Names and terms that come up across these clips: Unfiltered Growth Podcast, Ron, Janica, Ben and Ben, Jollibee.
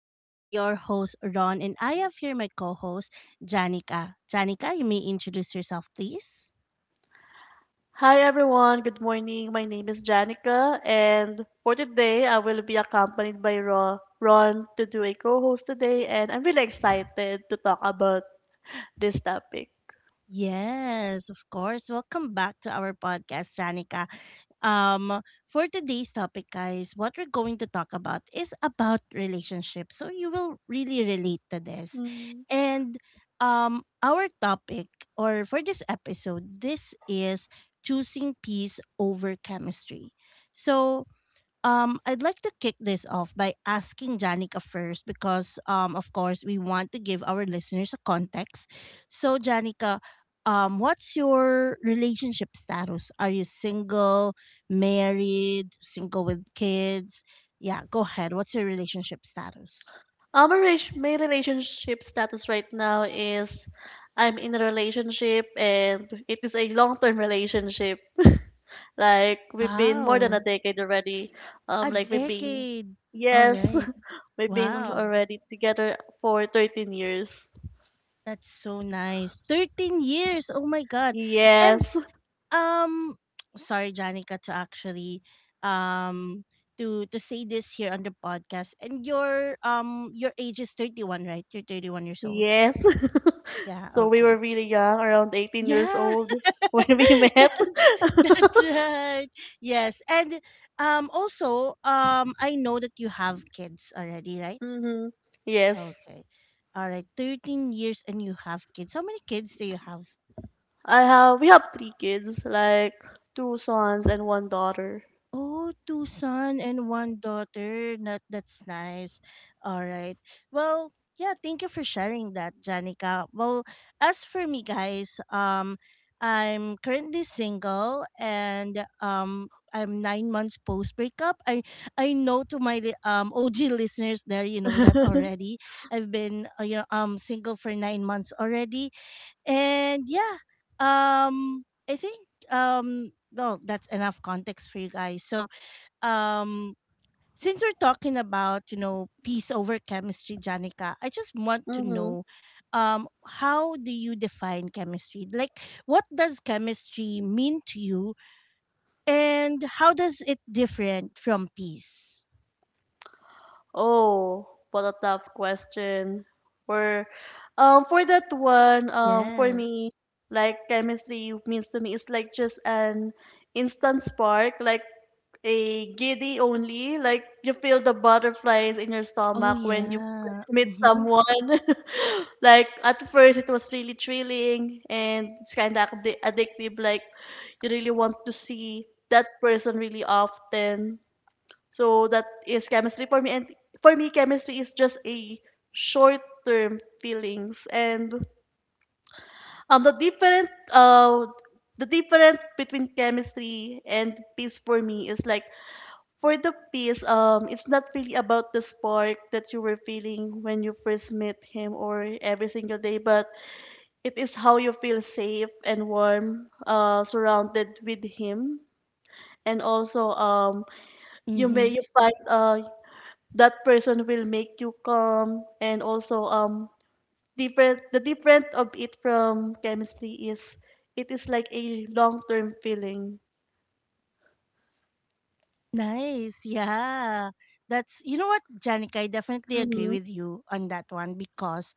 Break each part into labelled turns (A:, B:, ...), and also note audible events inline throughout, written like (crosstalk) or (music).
A: This is your host, Ron, and I have here my co host, Janica. Janica, you may introduce yourself, please.
B: Hi everyone, good morning. My name is Janica, and for today I will be accompanied by Ron to do a co host today, and I'm really excited to talk about this topic.
A: Yes, of course. Welcome back to our podcast, Janica. For today's topic, guys, what we're going to talk about is about relationships. So you will really relate to this.
B: Mm.
A: And our topic or for this episode, this is choosing peace over chemistry. So I'd like to kick this off by asking Janica first because, of course, we want to give our listeners a context. So, Janica, what's your relationship status? Are you single, married, single with kids? Yeah, go ahead. What's your relationship status?
B: My relationship status right now is I'm in a relationship, and it is a long term relationship. (laughs) Like, we've been more than
A: Wow,
B: a decade already. Um,
A: a
B: like, we've been,
A: decade. All
B: yes,
A: right.
B: (laughs) we've been
A: Wow,
B: already together for 13 years.
A: that's so nice. 13 years. Oh my God. And
B: Yes,
A: Um, sorry, Janica, to actually um to say this here on the podcast. And your age is 31, right? You're 31 years old.
B: yes. (laughs)
A: Yeah.
B: So we were
A: Okay.
B: really young, around 18 years
A: Yeah.
B: old (laughs) when we
A: (laughs) That-
B: met.
A: That's right. Yes. And also I know that you have kids already, right?
B: Hmm. Yes.
A: Okay. All right. 13 years and you have kids. How many kids do you have?
B: I have we have three kids, like two sons and one daughter.
A: Oh, two son and one daughter. That that's nice. All right. Well, yeah, thank you for sharing that, Janica. Well, as for me guys, I'm currently single and I'm 9 months post breakup. I know to my OG listeners there, you know that
B: (laughs)
A: already. I've been you know single for 9 months already, and yeah, um I think well that's enough context for you guys. So um since we're talking about, you know, peace over chemistry, Janica, I just want to
B: Hmm.
A: know, um how do you define chemistry? Like, what does chemistry mean to you, and how does it different from peace?
B: Oh, what a tough question. For for that one, for
A: Yes.
B: me, like chemistry means to me it's like just an instant spark. Like a giddy only, like you feel the butterflies in your
A: Oh
B: stomach when you
A: yeah.
B: first meet
A: Mm-hmm.
B: someone. (laughs) Like at first, it was really thrilling and it's kind of addictive. Like you really want to see that person really often. So that is chemistry for me. And for me, chemistry is just a short-term feelings, and um the different uh the difference between chemistry and peace for me is like for the peace, it's not really about the spark that you were feeling when you first met him or every single day, but it is how you feel safe and warm, surrounded with him. And also,
A: Mm-hmm.
B: you find that person will make you calm, and also different the different of it from chemistry is it is like a long term feeling.
A: Nice, yeah. That's, you know what, Janica, I definitely agree
B: Mm-hmm.
A: with you on that one because,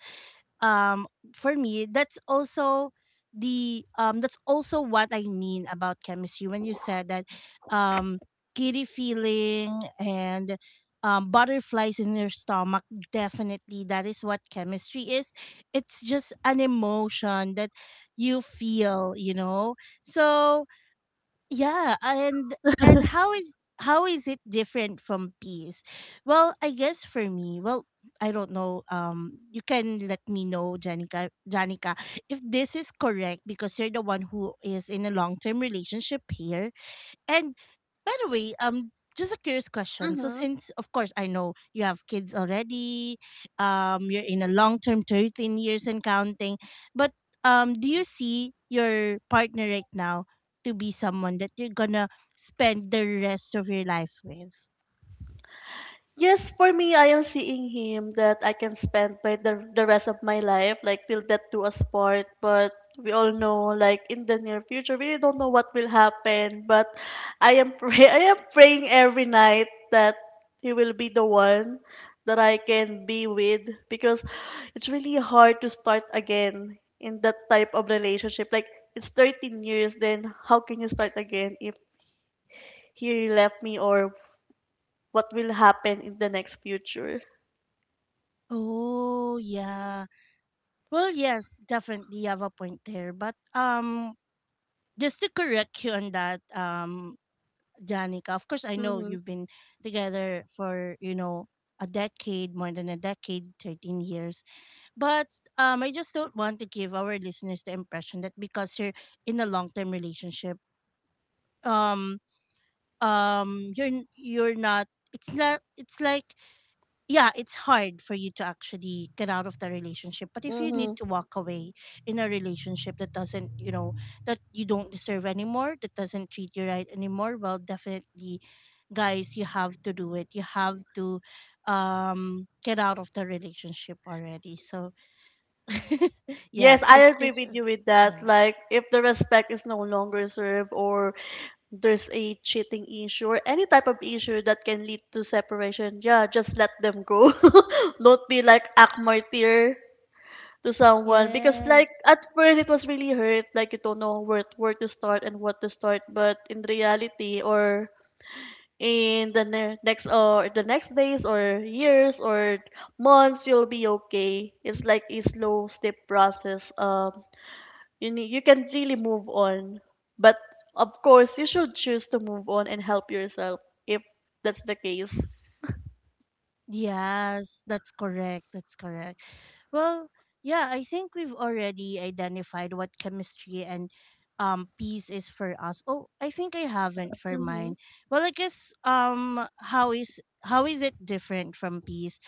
A: um for me, that's also the that's also what I mean about chemistry. When you said that um giddy feeling and butterflies in your stomach, definitely that is what chemistry is. It's just an emotion that you feel, you know. So yeah, and how is it different from peace? Well, I guess for me, well, I don't know. You can let me know, Janica, if this is correct because you're the one who is in a long term relationship here. And by the way, just a curious question. So
B: Mm-hmm.
A: since of course I know you have kids already, you're in a long term 13 years and counting, but do you see your partner right now to be someone that you're gonna spend the rest of your life with?
B: Yes, for me, I am seeing him that I can spend by the rest of my life, like till death do us part. But we all know, like in the near future, we don't know what will happen. But I am pray (laughs) I am praying every night that he will be the one that I can be with, because it's really hard to start again in that type of relationship. Like it's 13 years, then how can you start again if he left me or what will happen in the next future?
A: Oh yeah. Well yes, definitely you have a point there. But just to correct you on that, Janica. Of course, I know
B: Mm-hmm.
A: you've been together for, you know, a decade, more than a decade, 13 years. But I just don't want to give our listeners the impression that because you're in a long term relationship, um, you're not. It's not. It's like, yeah, it's hard for you to actually get out of the relationship. But if you
B: Mm-hmm.
A: need to walk away in a relationship that doesn't, you know, that you don't deserve anymore, that doesn't treat you right anymore, well, definitely, guys, you have to do it. You have to get out of the relationship already. So, yeah,
B: Yes, I agree with you with that.
A: yeah.
B: Like, if the respect is no longer served, or there's a cheating issue, or any type of issue that can lead to separation, yeah, just let them go. (laughs) Don't be like act martyr to someone because, like,
A: Yes.
B: at first it was really hurt. Like, you don't know where to start and what to start. But in reality, or in the next days or years or months, you'll be okay. It's like a slow step process. You can really move on, but of course you should choose to move on and help yourself if that's the case.
A: Yes, that's correct. That's correct. Well, yeah, I think we've already identified what chemistry and peace is for us. Oh, I think I haven't for
B: Hmm.
A: mine. Well, I guess, how is it different from peace?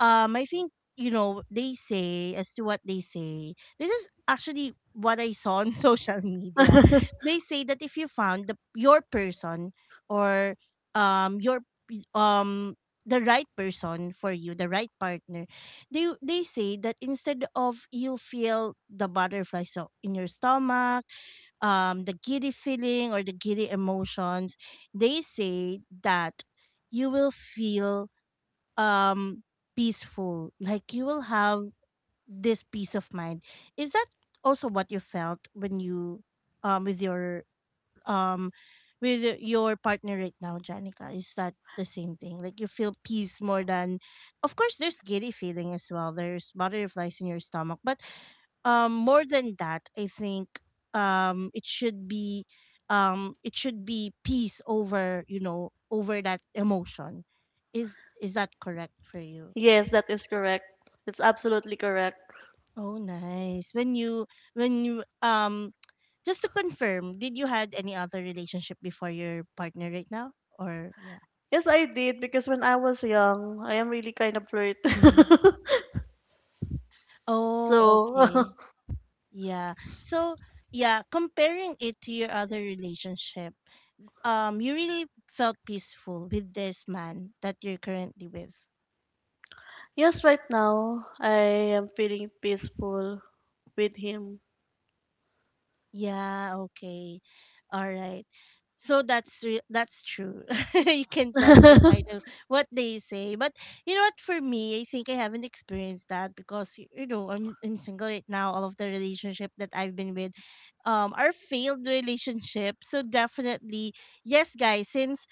A: I think, you know, they say, as to what they say. This is actually what I saw on (laughs) social media.
B: (laughs)
A: They say that if you found the your person or your um the right person for you, the right partner, they say that instead of you feel the butterflies so in your stomach, the giddy feeling or the giddy emotions, they say that you will feel um peaceful. Like, you will have this peace of mind. Is that also what you felt when you, with your um with your partner right now, Janica? Is that the same thing? Like, you feel peace more than, of course, there's giddy feeling as well, there's butterflies in your stomach, but more than that, I think, it should be, it should be peace over, you know, over that emotion. Is that correct for you?
B: Yes, that is correct. It's absolutely correct.
A: Oh, nice. When you, just to confirm, did you had any other relationship before your partner right now? Or yeah.
B: Yes, I did, because when I was young, I am really kind of flirt.
A: Mhm.
B: (laughs)
A: Oh,
B: So.
A: okay.
B: (laughs)
A: Yeah. So yeah, comparing it to your other relationship, you really felt peaceful with this man that you're currently with.
B: Yes, right now I am feeling peaceful with him.
A: Yeah, okay. All right. So that's true. (laughs) You can testify
B: (laughs)
A: to what they say. But you know what, for me, I think I haven't experienced that because you know, I'm single right now. All of the relationship that I've been with are failed relationship. So definitely, yes guys, since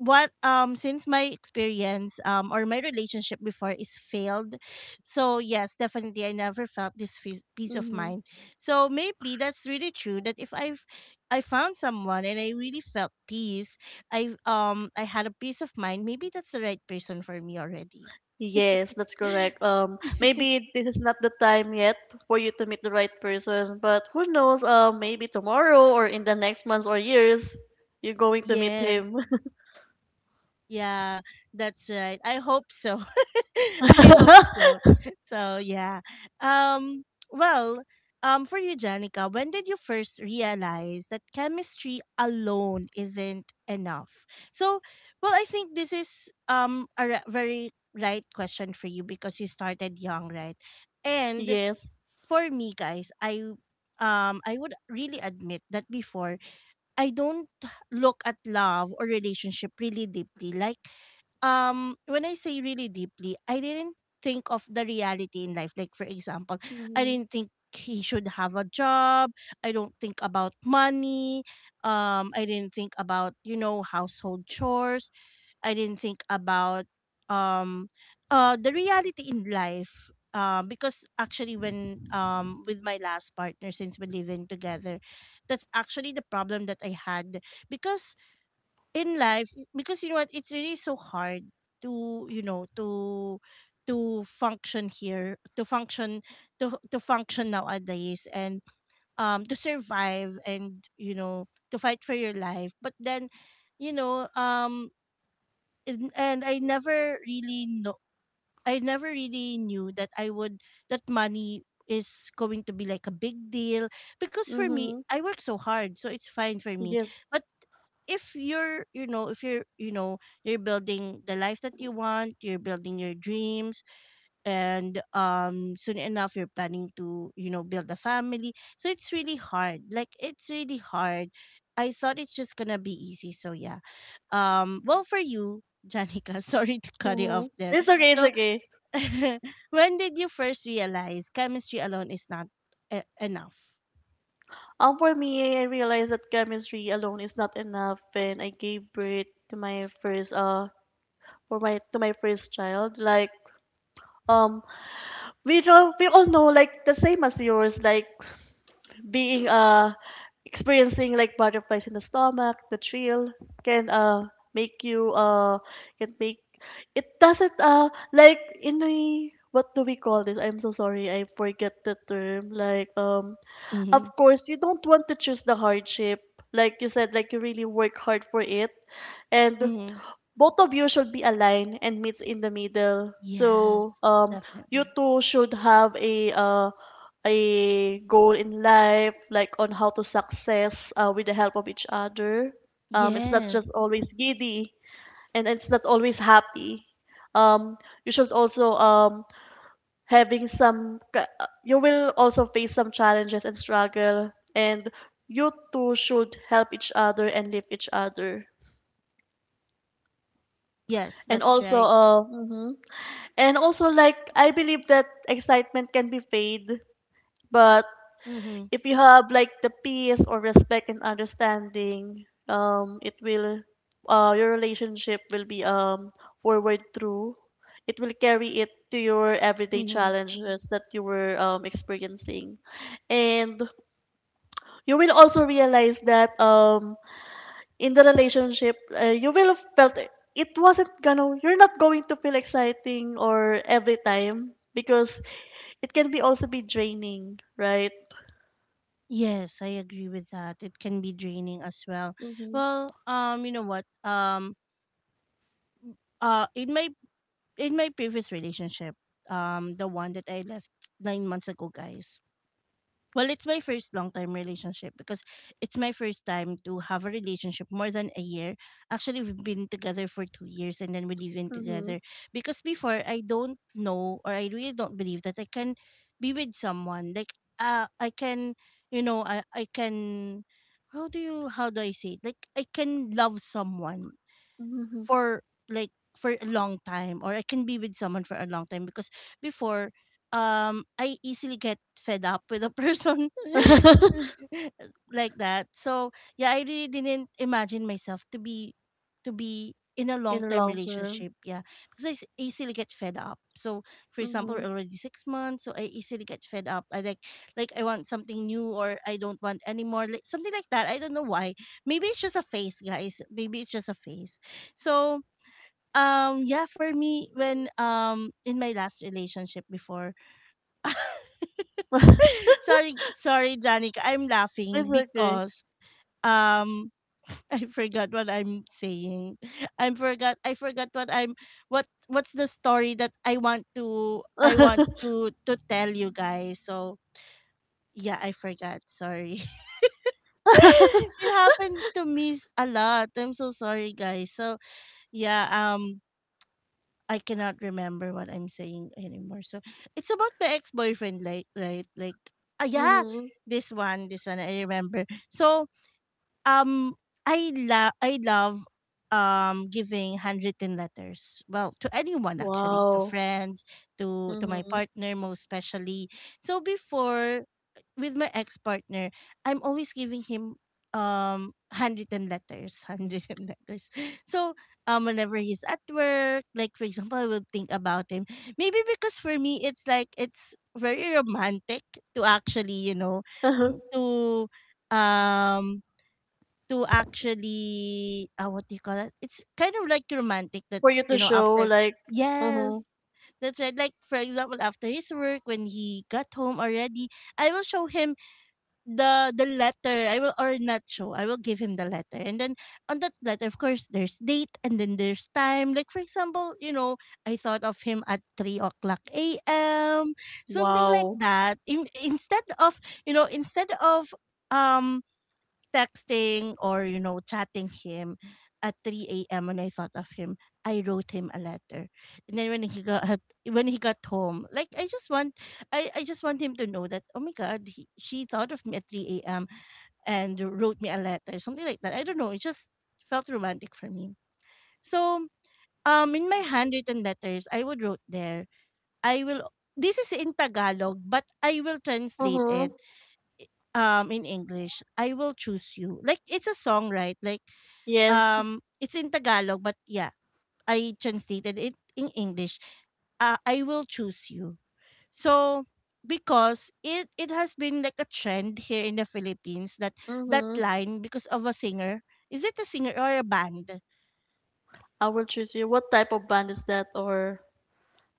A: what since my experience or my relationship before is failed, so yes, definitely I never felt this peace of
B: Mhm.
A: mind. So maybe that's really true that if I've I found someone and I really felt peace, I had a peace of mind. Maybe that's the right person for me already.
B: Yes, that's correct.
A: (laughs)
B: Maybe this is not the time yet for you to meet the right person, but who knows? Maybe tomorrow or in the next months or years, you're going to meet him.
A: Yes. Yeah, that's right, I hope so. (laughs) I hope so.
B: (laughs)
A: So yeah. Um well, for you Janica, when did you first realize that chemistry alone isn't enough? So, well, I think this is very right question for you because you started young, right? And
B: Yes.
A: for me guys, I would really admit that before I don't look at love or relationship really deeply. Like, when I say really deeply, I didn't think of the reality in life. Like, for example, I
B: Mm-hmm.
A: didn't think he should have a job. I don't think about money. I didn't think about, you know, household chores. I didn't think about, um the reality in life. Because actually when, with my last partner, since we live in together, that's actually the problem that I had, because in life, because you know what, it's really so hard to, you know, to function here, to function, to function nowadays, and to survive and, you know, to fight for your life. But then, you know, and I never really know, I never really knew that I would, that money is going to be like a big deal, because for me
B: Mm-hmm.
A: I work so hard, so it's fine for me.
B: Yes.
A: But if you're, you know, if you're, you know, you're building the life that you want, you're building your dreams, and soon enough you're planning to, you know, build a family, so it's really hard. Like, it's really hard. I thought it's just gonna be easy. So yeah, well, for you Janica, (laughs) sorry to cut you
B: Mm-hmm.
A: off there,
B: It's okay. It's
A: so
B: okay.
A: (laughs) when did you first realize chemistry alone is not enough?
B: For me, I realized that chemistry alone is not enough, and I gave birth to my first for my to my first child. Like um, we all know, like the same as yours, like being experiencing like butterflies in the stomach, the thrill can make you can make it doesn't like in the, what do we call this? I'm so sorry, I forget the term. Like,
A: Mm-hmm.
B: of course you don't want to choose the hardship, like you said, like you really work hard for it, and
A: Mm-hmm.
B: both of you should be aligned and meets in the middle.
A: Yes,
B: So you
A: definitely.
B: two should have a goal in life, like on how to success with the help of each other. It's not just
A: Yes.
B: always giddy, and it's not always happy. Um, you should also um, You will also face some challenges and struggle, and you two should help each other and lift each other.
A: Yes,
B: And
A: that's
B: also,
A: right.
B: mhm. And also, like, I believe that excitement can be fade, but
A: Mm-hmm.
B: if you have like the peace or respect and understanding, your relationship will be forward through. It will carry it to your everyday
A: Mm-hmm.
B: challenges that you were experiencing, and you will also realize that in the relationship, you will have felt it wasn't gonna you're not going to feel exciting or every time, because it can be also be draining, right?
A: Yes, I agree with that. It can be draining as well.
B: Mm-hmm.
A: Well, you know what? In my previous relationship, the one that I left 9 months ago, guys. Well, it's my first long time relationship because it's my first time to have a relationship more than a year. Actually, we've been together for 2 years and then we live in
B: Mm-hmm.
A: together. Because before, I don't know or I really don't believe that I can be with someone. Like, I can, you know, I can, how do you, how do I say it? Like, I can love someone
B: Mm-hmm.
A: for like for a long time, or I can be with someone for a long time, because before I easily get fed up with a person
B: (laughs)
A: (laughs) like that. So yeah, I really didn't imagine myself to be in a
B: In
A: long
B: the
A: term
B: long term.
A: relationship. Yeah, because easily get fed up. So for example,
B: Mm-hmm.
A: already 6 months, so I easily get fed up. I like, I want something new, or I don't want anymore, like something like that. I don't know why. Maybe it's just a phase, guys. Maybe it's just a phase. So, yeah, for me, when, in my last relationship before,
B: (laughs)
A: (laughs) sorry, Janica, I'm laughing
B: It's okay.
A: because um (laughs) I forgot what I'm saying. I forgot. What's the story that I want
B: (laughs)
A: to tell you guys. So yeah, I forgot. Sorry. (laughs) It happens to me a lot. I'm so sorry, guys. So yeah, I cannot remember what I'm saying anymore. So it's about the ex boyfriend, like, right, like yeah,
B: Mm-hmm.
A: this one I remember. So um, I love giving handwritten letters. Well, to anyone actually, to
B: Wow.
A: friends, to my
B: Mm-hmm.
A: partner most especially. So before, with my ex partner, I'm always giving him handwritten letters, (laughs) handwritten letters. So whenever he's at work, like for example, I will think about him. Maybe because for me it's like it's very romantic to actually,
B: (laughs)
A: (laughs) to um to actually, what do you call it? It's kind of like romantic that,
B: For you
A: you
B: to
A: know,
B: show
A: after.
B: like, mm-hmm.
A: Yes. That's right. Like for example, after his work, when he got home already, I will show him the letter. I will, or not show, I will give him the letter, and then on that letter, of course, there's date and then there's time. Like for example, you know, I thought of him at 3 o'clock a.m. Something like
B: Wow.
A: that. Instead of you know, instead of um texting or, you know, chatting him at 3 a.m. when I thought of him, I wrote him a letter. And then when he got home, like I just want, I just want him to know that, oh my god, he, she thought of me at 3 a.m. and wrote me a letter, something like that. I don't know. It just felt romantic for me. So in my handwritten letters, I would wrote there, I will this is in Tagalog, but I will translate it
B: Mm-hmm.
A: in English. I will choose you. Like, it's a song, right? Like
B: Yes.
A: it's in Tagalog, but yeah, I translated it in English. I will choose you. So, because it has been like a trend here in the Philippines, that that
B: Mm-hmm.
A: line, because of a singer. Is it a singer or a band?
B: I will choose you. What type of band is that? Or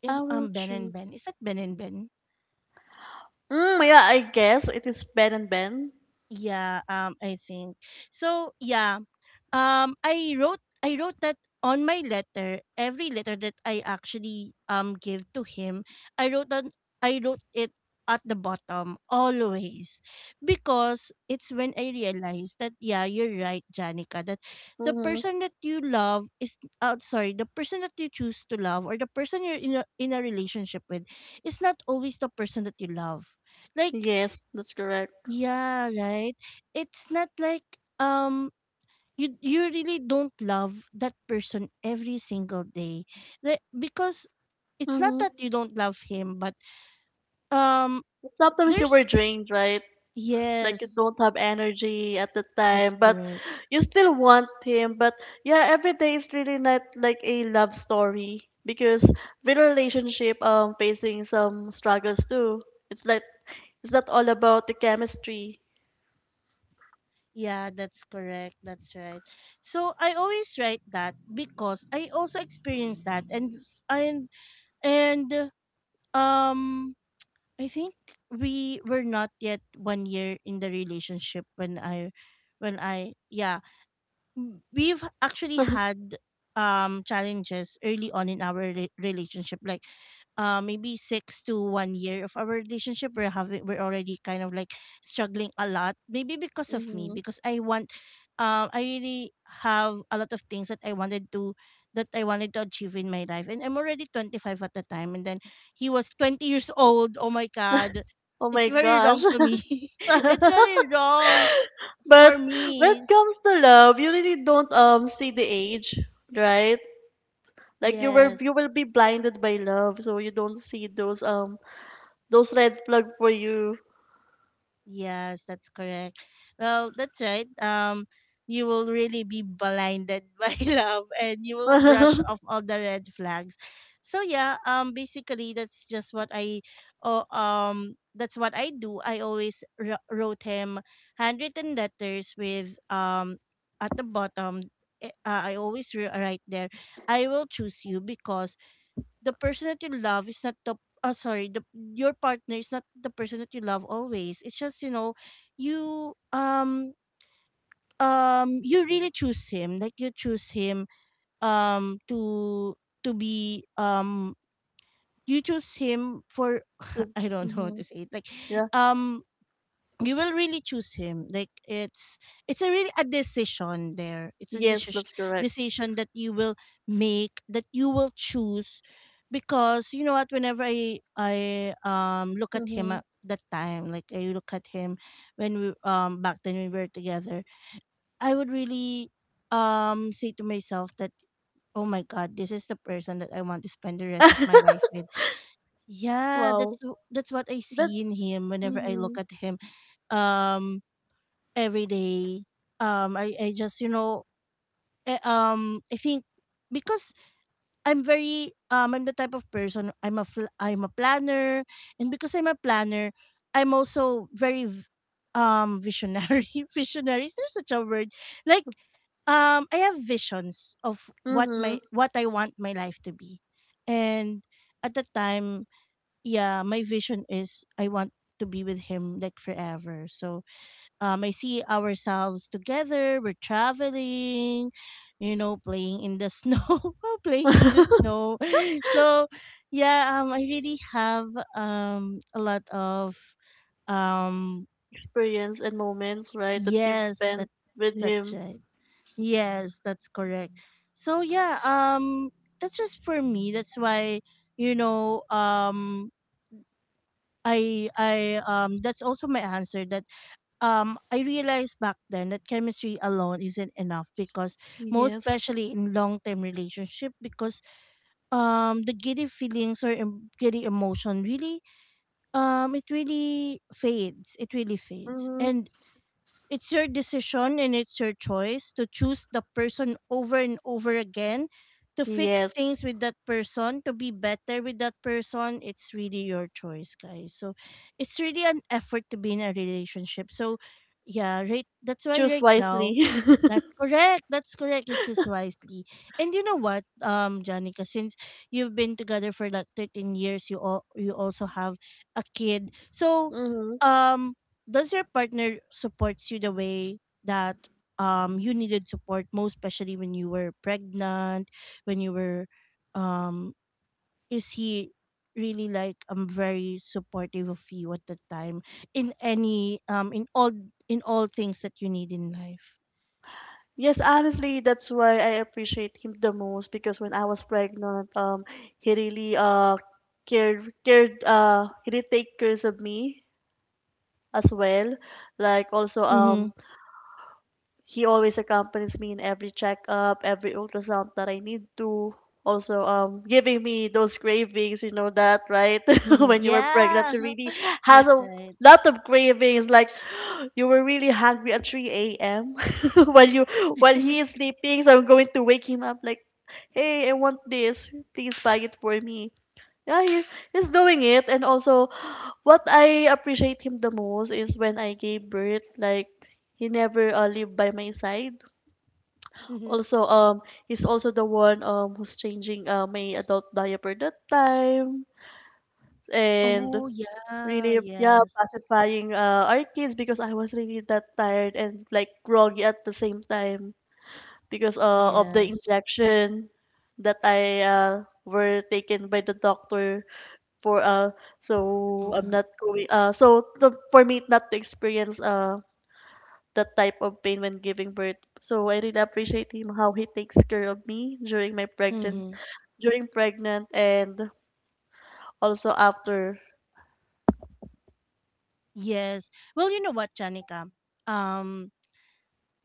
B: I will
A: Ben and
B: choose.
A: Ben. Is that Ben and Ben?
B: Mm, yeah, I guess it is Ben and Ben.
A: Yeah, I think. So, yeah. I wrote that on my letter. Every letter that I actually give to him, I wrote on I wrote it at the bottom always, because it's when I realized that, yeah, you're right, Janica, that the
B: Mm-hmm.
A: person that you love is, sorry, the person that you choose to love, or the person you're in a relationship with, is not always the person that you love. Like,
B: Yes, that's correct.
A: yeah, right. It's not like um you really don't love that person every single day. Like, because it's not
B: Mm-hmm.
A: that you don't love him, but um
B: Sometimes you
A: there's,
B: were drained, right? Like you
A: yes,
B: don't have energy at the
A: that's
B: time, but
A: correct.
B: you still want him. But yeah, every day is really not like a love story, because with a relationship, facing some struggles too. It's like it's not all about the chemistry.
A: Yeah, that's correct. That's right. So I always write that, because I also experienced that, and and um I think we were not yet one year in the relationship when I, yeah, we've actually
B: (laughs)
A: had challenges early on in our relationship. Like, maybe 6 to 1 year of our relationship, we're already kind of like struggling a lot, maybe because of me,
B: Hmm.
A: because I want, I really have a lot of things that I wanted to that I wanted to achieve in my life, and I'm already 25 at the time, and then he was 20 years old. Oh my god,
B: Oh
A: it's
B: my
A: very
B: gosh.
A: wrong to me. (laughs) It's
B: (laughs)
A: very wrong
B: But
A: for
B: when it
A: me.
B: comes to love, you really don't see the age, right? Like you
A: Yes.
B: will be blinded by love, so you don't see those red flag for you.
A: Yes, that's correct. Well, that's right. You will really be blinded (laughs) by love, and you will brush off
B: (laughs)
A: all the red flags. So yeah, basically, that's what I do. I always wrote him handwritten letters with, at the bottom, I always write there, I will choose you, because the person that you love is not the, sorry, the, your partner is not the person that you love always. It's just, you know, you, you really choose him, like you choose him to, be, you choose him for,
B: The.
A: (laughs) I don't know how
B: Mhm.
A: to say it. Like,
B: Yeah.
A: um you will really choose him, like it's, a really a decision there, it's a
B: Yes,
A: decision
B: that's correct.
A: decision that you will make, that you will choose, because, you know what, whenever I look at him
B: Mhm.
A: at that time, like I look at him when we, back then, we were together, I would really say to myself that, oh my god, this is the person that I want to spend the rest of my life
B: (laughs)
A: with. Yeah, that's
B: Wow.
A: that's what I
B: But
A: see in him whenever I look
B: mhm.
A: at him, um every day. I just, you know, I think, because I'm very, I'm the type of person, I'm a planner, and because I'm a planner, I'm also very, visionary. (laughs) Visionary, is there such a word? Like, I have visions of what my
B: Mhm.
A: what I want my life to be, and at the time, yeah, my vision is I want to be with him like forever. So I see ourselves together. We're traveling, playing in the snow, (laughs) playing in the
B: (laughs)
A: snow. (laughs) So, yeah, I really have a lot of, um
B: Experience and moments, right, that you've
A: yes,
B: spent
A: that
B: with
A: that's
B: him.
A: right. Yes, that's correct. So yeah, that's just for me. That's why, you know, I that's also my answer, that, I realized back then that chemistry alone isn't enough, because, most
B: Yes.
A: especially in long term relationship, because the giddy feelings, or giddy emotion, really, it really fades, it really fades,
B: Mhm.
A: and it's your decision, and it's your choice, to choose the person over and over again, to fix
B: Yes.
A: things with that person, to be better with that person. It's really your choice, guys. So it's really an effort to be in a relationship. So yeah, right. That's why
B: Choose
A: right now,
B: wisely. (laughs)
A: that's correct. That's correct. You choose wisely. And you know what, Janica, since you've been together for like 13 years, you, all you also have a kid. So,
B: Mm-hmm.
A: um, does your partner supports you the way that, you needed support, most especially when you were pregnant, when you were, um is he really like very supportive of you at the time, in any, in all things that you need in life?
B: Yes, honestly, that's why I appreciate him the most, because when I was pregnant, he really cared cared he did take care of me as well. Like also
A: Mm-hmm.
B: he always accompanies me in every checkup, every ultrasound that I need to. Also, giving me those cravings, you know that, right? (laughs)
A: Mm-hmm.
B: When you were pregnant,
A: Yeah.
B: you really
A: (laughs)
B: has
A: That's
B: a
A: right.
B: lot of cravings. Like (gasps) you were really hungry at 3 a.m. (laughs) while you while he is
A: (laughs)
B: sleeping, so I'm going to wake him up. Like, hey, I want this. Please buy it for me. Yeah, he's doing it. And also, what I appreciate him the most is when I gave birth, like, he never lived by my side.
A: Mm-hmm.
B: Also, he's also the one who's changing my adult diaper that time, and
A: Oh yeah.
B: really, yeah,
A: Yes.
B: pacifying our kids because I was really that tired and like groggy at the same time, because of the
A: Yes.
B: injection that I were taken by the doctor for so I'm
A: Mm-hmm.
B: not going so for me not to experience that type of pain when giving birth. So I really appreciate him how he takes care of me during my pregnant
A: Mm-hmm.
B: during pregnant and also after.
A: Yes. Well, you know what, Janica, um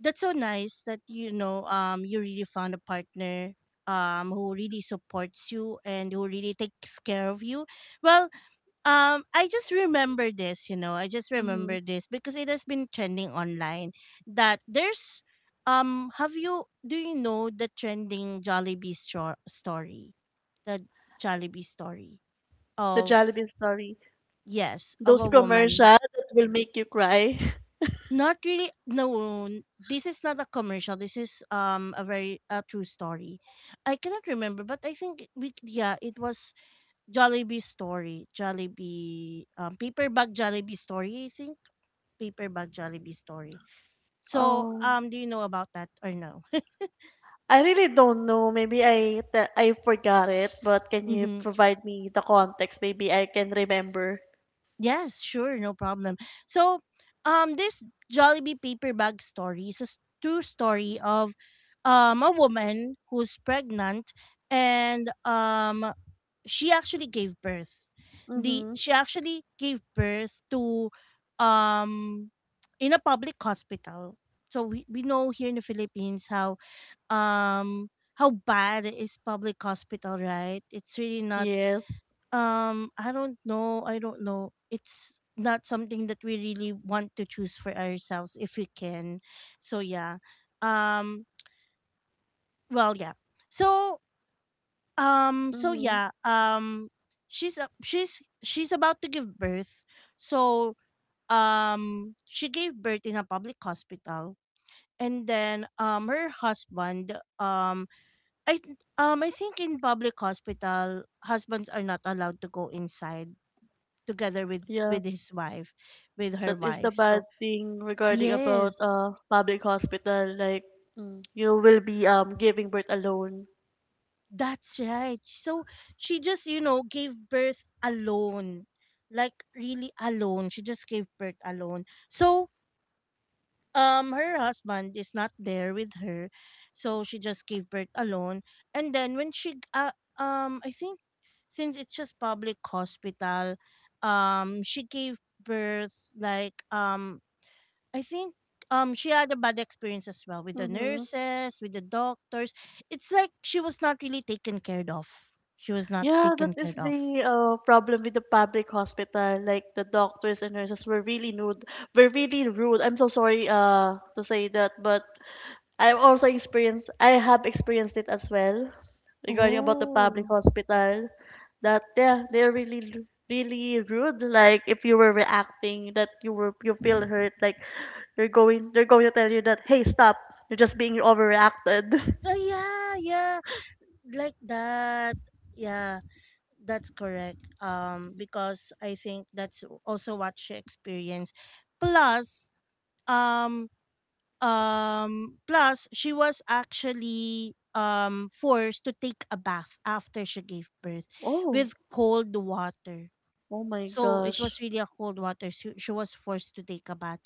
A: that's so nice that, you know, you really found a partner who really supports you and who really takes care of you. Well, I just remember this you know I just
B: Hmm.
A: remember this because it has been trending online, that there's, have you do you know the trending Jollibee story, the Jollibee story
B: The
A: of,
B: Jollibee story.
A: yes, of
B: Those
A: a
B: commercials
A: woman.
B: that will make you cry. (laughs)
A: Not really. No, this is not a commercial. This is a very, a true story. I cannot remember, but I think, we yeah, it was Jollibee story, Jollibee paper bag Jollibee story. I think, paper bag Jollibee story. So
B: Um
A: do you know about that or no?
B: I really don't know. Maybe I forgot it, but can you
A: (laughs)
B: provide me the context? Maybe I can remember.
A: Yes, sure, no problem. So, this Jollibee paper bag story is a true story of a woman who's pregnant, and she actually gave birth. The
B: Mhm.
A: She actually gave birth to, um in a public hospital. So, we know here in the Philippines how, um how bad is public hospital, right? It's really not,
B: Yes.
A: I don't know. I don't know. It's not something that we really want to choose for ourselves if we can. So yeah. Um, well, yeah. So so
B: Mhm.
A: yeah. She's about to give birth. So she gave birth in a public hospital. And then her husband, I think in public hospital husbands are not allowed to go inside together with
B: Yeah.
A: with his wife, with
B: That
A: her
B: is the
A: wife, so,
B: bad thing regarding about
A: yes,
B: public hospital, like, you will be giving birth alone.
A: that's right. So she just, you know, gave birth alone. Like, really alone, she just gave birth alone. So her husband is not there with her, so she just gave birth alone. And then, when she g- I think since it's just public hospital, she gave birth like, I think, she had a bad experience as well, with the
B: Mm-hmm.
A: nurses, with the doctors. It's like she was not really taken care of. She was not
B: Yeah, that
A: taken care
B: is
A: of.
B: the problem with the public hospital. Like the doctors and nurses were really rude, I'm so sorry to say that, but I have experienced it as well regarding about the public
A: Oh.
B: hospital. That yeah, they're really really rude. Like, if you were reacting that you feel hurt, like, they're going to tell you that, hey, stop, you're just being overreacted.
A: Oh yeah, yeah. Like that. Yeah, that's correct. Because I think that's also what she experienced. Plus, um plus, she was actually forced to take a bath after she gave birth,
B: (laughs) Oh,
A: with cold water.
B: oh my
A: So it
B: gosh.
A: was really a cold water. She was forced to take a bath.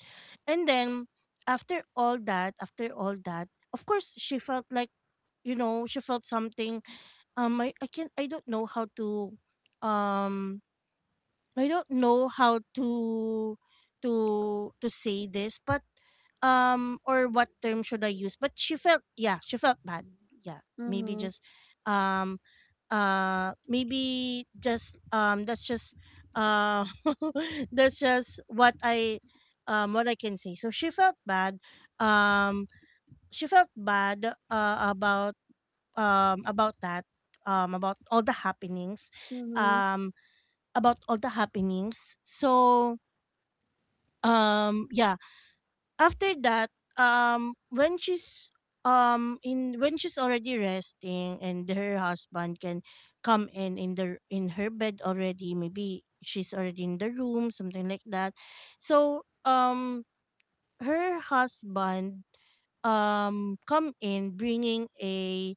A: And then after all that, of course she felt she felt something. I don't know how to um I don't know how to to to say this, but or what term should I use? But she felt, yeah, she felt bad. Yeah.
B: Mhm.
A: Um maybe just that's just uh (laughs) that's just what I can say. So she felt bad. Um she felt bad about that, about all the happenings.
B: Mhm.
A: Um about all the happenings. So yeah, after that when she's in when she's already resting and her husband can come in the in her bed already, maybe she's already in the room, something like that. So her husband come in bringing a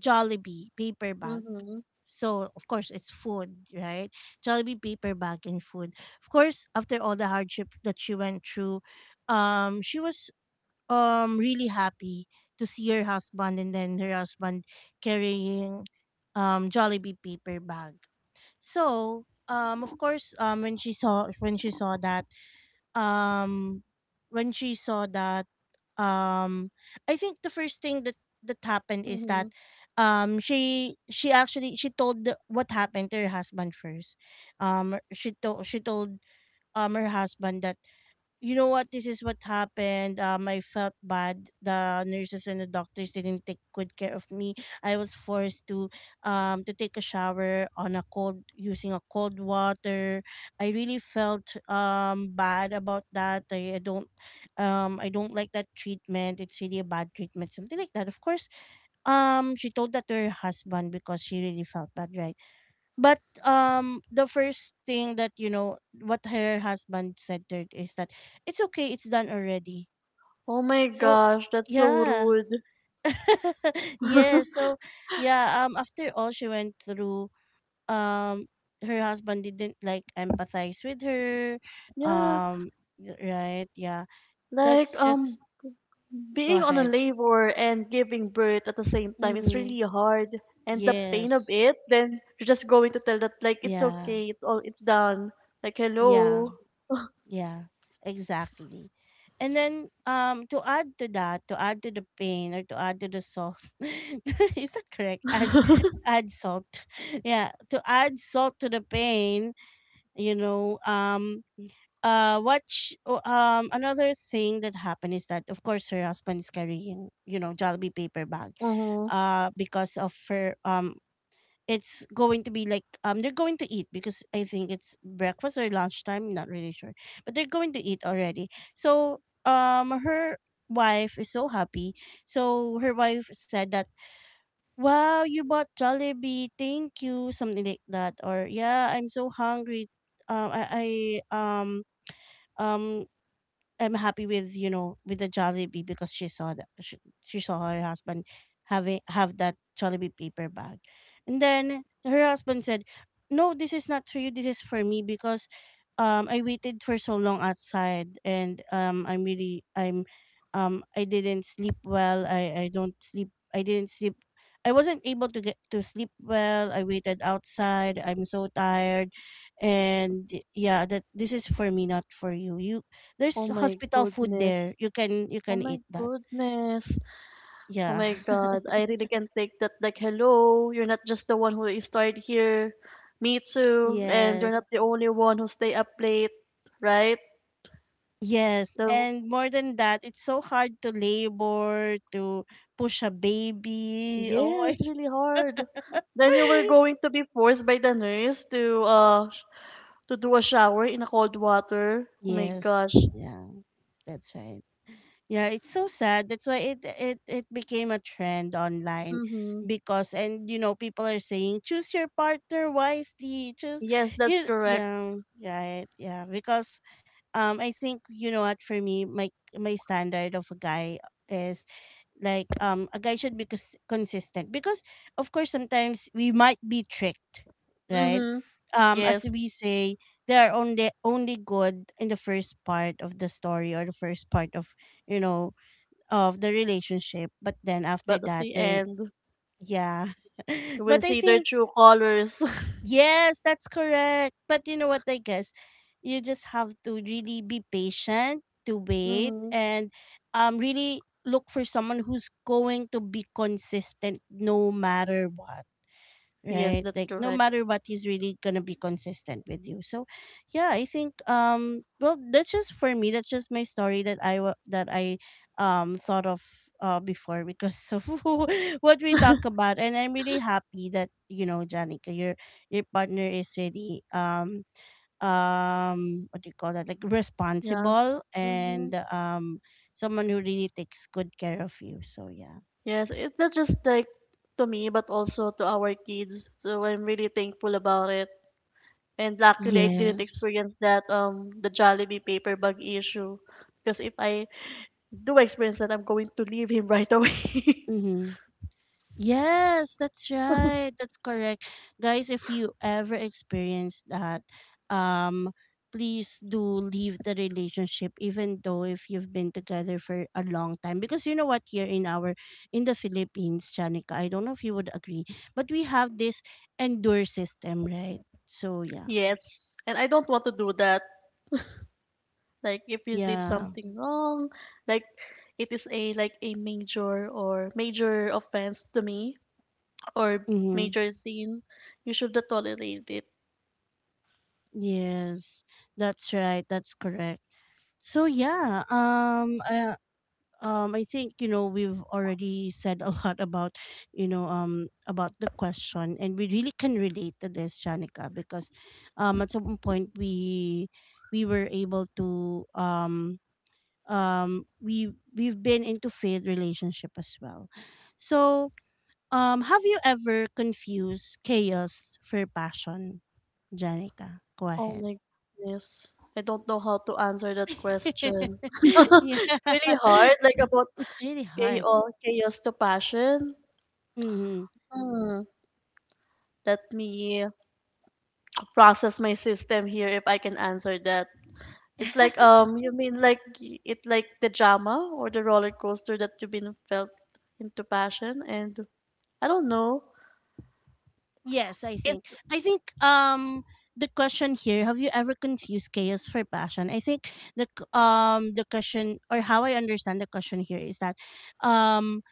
A: Jollibee paper bag.
B: Mhm.
A: So of course it's food, right? Jollibee paper bag and food. Of course, after all the hardship that she went through, she was really happy to see her husband, and then her husband carrying Jollibee paper bag. So of course when she saw um that um I think the first thing that happened is that
B: Mhm.
A: she actually she told what happened to her husband first. She told her husband that, you know what, this is what happened. I felt bad. The nurses and the doctors didn't take good care of me. I was forced to take a shower on a cold, using a cold water. I really felt bad about that. I don't, I don't like that treatment. It's really a bad treatment, something like that. Of course she told that to her husband because she really felt bad, right? But the first thing that, you know what, her husband said to her is that it's okay, it's done already.
B: Oh my
A: So
B: gosh, that's so
A: yeah.
B: rude.
A: (laughs)
B: (laughs)
A: Yes. So yeah, after all she went through, um her husband didn't like empathize with her.
B: Yeah.
A: Um right, yeah.
B: Like,
A: That's just go
B: being on a
A: ahead.
B: labor and giving birth at the same time is
A: Mm-hmm.
B: really hard, and the pain of
A: Yes.
B: it. Then you're just going to tell that, like, it's
A: Yeah.
B: okay, it's done. Like, hello.
A: Yeah. Yeah, exactly. And then to add to that, to add to the pain or to add to the salt. (laughs) Is that correct? Add salt. (laughs) Yeah, to add salt to the pain, you know, another thing that happened is that of course her husband is carrying, you know, Jollibee paper bag
B: Uh-huh.
A: because of her. It's going to be like they're going to eat because I think it's breakfast or lunchtime, not really sure. But they're going to eat already. So her wife is so happy. So her wife said that, wow, you bought Jollibee, thank you, something like that. Or yeah, I'm so hungry. Um I, I um um I'm happy with you know with the Jollibee because she saw that she saw her husband having have that Jollibee paper bag, and then her husband said, "No, this is not for you. This is for me because I waited for so long outside, and I'm really I didn't sleep well. I don't sleep. I didn't sleep. I wasn't able to get to sleep well. I waited outside. I'm so tired, and yeah, that this is for me, not for you. You
B: Oh
A: there's
B: my
A: hospital food
B: goodness.
A: there. You
B: Oh
A: can
B: my
A: eat that."
B: goodness. Oh
A: Yeah.
B: my
A: (laughs)
B: God, I really can not take that. Like, hello, you're not just the one who is tired here. Me too. And you're
A: Yes.
B: not the only one who stay up late, right?
A: Yes.
B: The.
A: And more than that, it's so hard to labor, to push a baby. Oh
B: Yeah, it's really
A: my
B: hard.
A: (laughs)
B: Then you were going to be forced by the nurse to do a shower in a cold water. Oh my gosh.
A: yes. Yeah, that's right. Yeah, it's so sad. That's why it became a trend online
B: Mm-hmm.
A: because, and you know, people are saying choose your partner wisely. Choose
B: Yes, that's
A: you,
B: correct.
A: yeah, right. Yeah, because I think, you know what, for me my my standard of a guy is like a guy should be consistent because of course sometimes we might be tricked, right?
B: Mm-hmm.
A: As
B: Yes,
A: we say, they are only good in the first part of the story or the first part of, you know, of the relationship, but then after
B: but at
A: that
B: the
A: there
B: end,
A: yeah (laughs)
B: you
A: but
B: will
A: I
B: see their
A: think
B: true colors.
A: yes, that's correct. But you know what, I guess you just have to really be patient to
B: (laughs)
A: wait
B: Mm-hmm.
A: and really look for someone who's going to be consistent no matter what,
B: Yes,
A: right?
B: that's
A: Like no
B: correct.
A: matter what, he's really gonna be consistent with you. So yeah, I think well, that's just for me, that's just my story that I thought of before because of (laughs) what we talk
B: (laughs)
A: about. And I'm really happy that, you know, Janica, your partner is really what do you call that, like
B: Yeah.
A: responsible
B: Mm-hmm.
A: and someone who really takes good care of you. So yeah,
B: Yes, it's not just like to me, but also to our kids. So I'm really thankful about it. And luckily, I didn't
A: yes,
B: experience that the Jollibee paper bag issue. Because if I do experience that, I'm going to leave him right away. (laughs)
A: mm-hmm. Yes, that's right. That's correct. Guys, if you ever experience that, um please do leave the relationship, even though if you've been together for a long time, because you know what, here in our in the Philippines, Chanika, I don't know if you would agree, but we have this endure system, right? So yeah.
B: Yes. And I don't want to do that. Like if you did
A: Yeah.
B: something wrong, like it is a major or major offense to me or
A: Mhm.
B: major sin, you should not tolerate it.
A: Yes. That's right. That's correct. So yeah, I think, you know, we've already said a (laughs) lot about, you know, about the question, and we really can relate to this, Shanika, because at some point we were able to we've been into faith relationship as well. So have you ever confused chaos for passion, Janica? Go
B: Oh
A: ahead.
B: my goodness. I don't know how to answer that
A: (laughs)
B: question. (laughs)
A: Yeah.
B: Really hard, like
A: (laughs)
B: about
A: It's really hard.
B: chaos, chaos to passion.
A: Mm-hmm.
B: Hmm, let me process my system here if I can answer that. It's like,
A: (laughs)
B: you mean like y- it like the drama or the roller coaster that you've been felt into passion, and I don't know.
A: Yes, I
B: It.
A: think. I think the question here, have you ever confused chaos for passion? I think the question, or how I understand the question here, is that um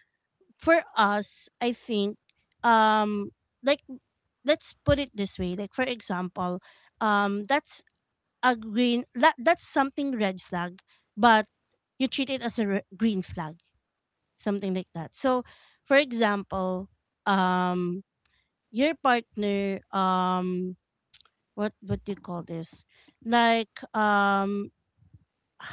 A: for us, I think um like let's put it this way. Like, for example, that's a green that, that's something red flag, but you treat it as a green flag, something like that. So, for example, um your partner, what do you call this like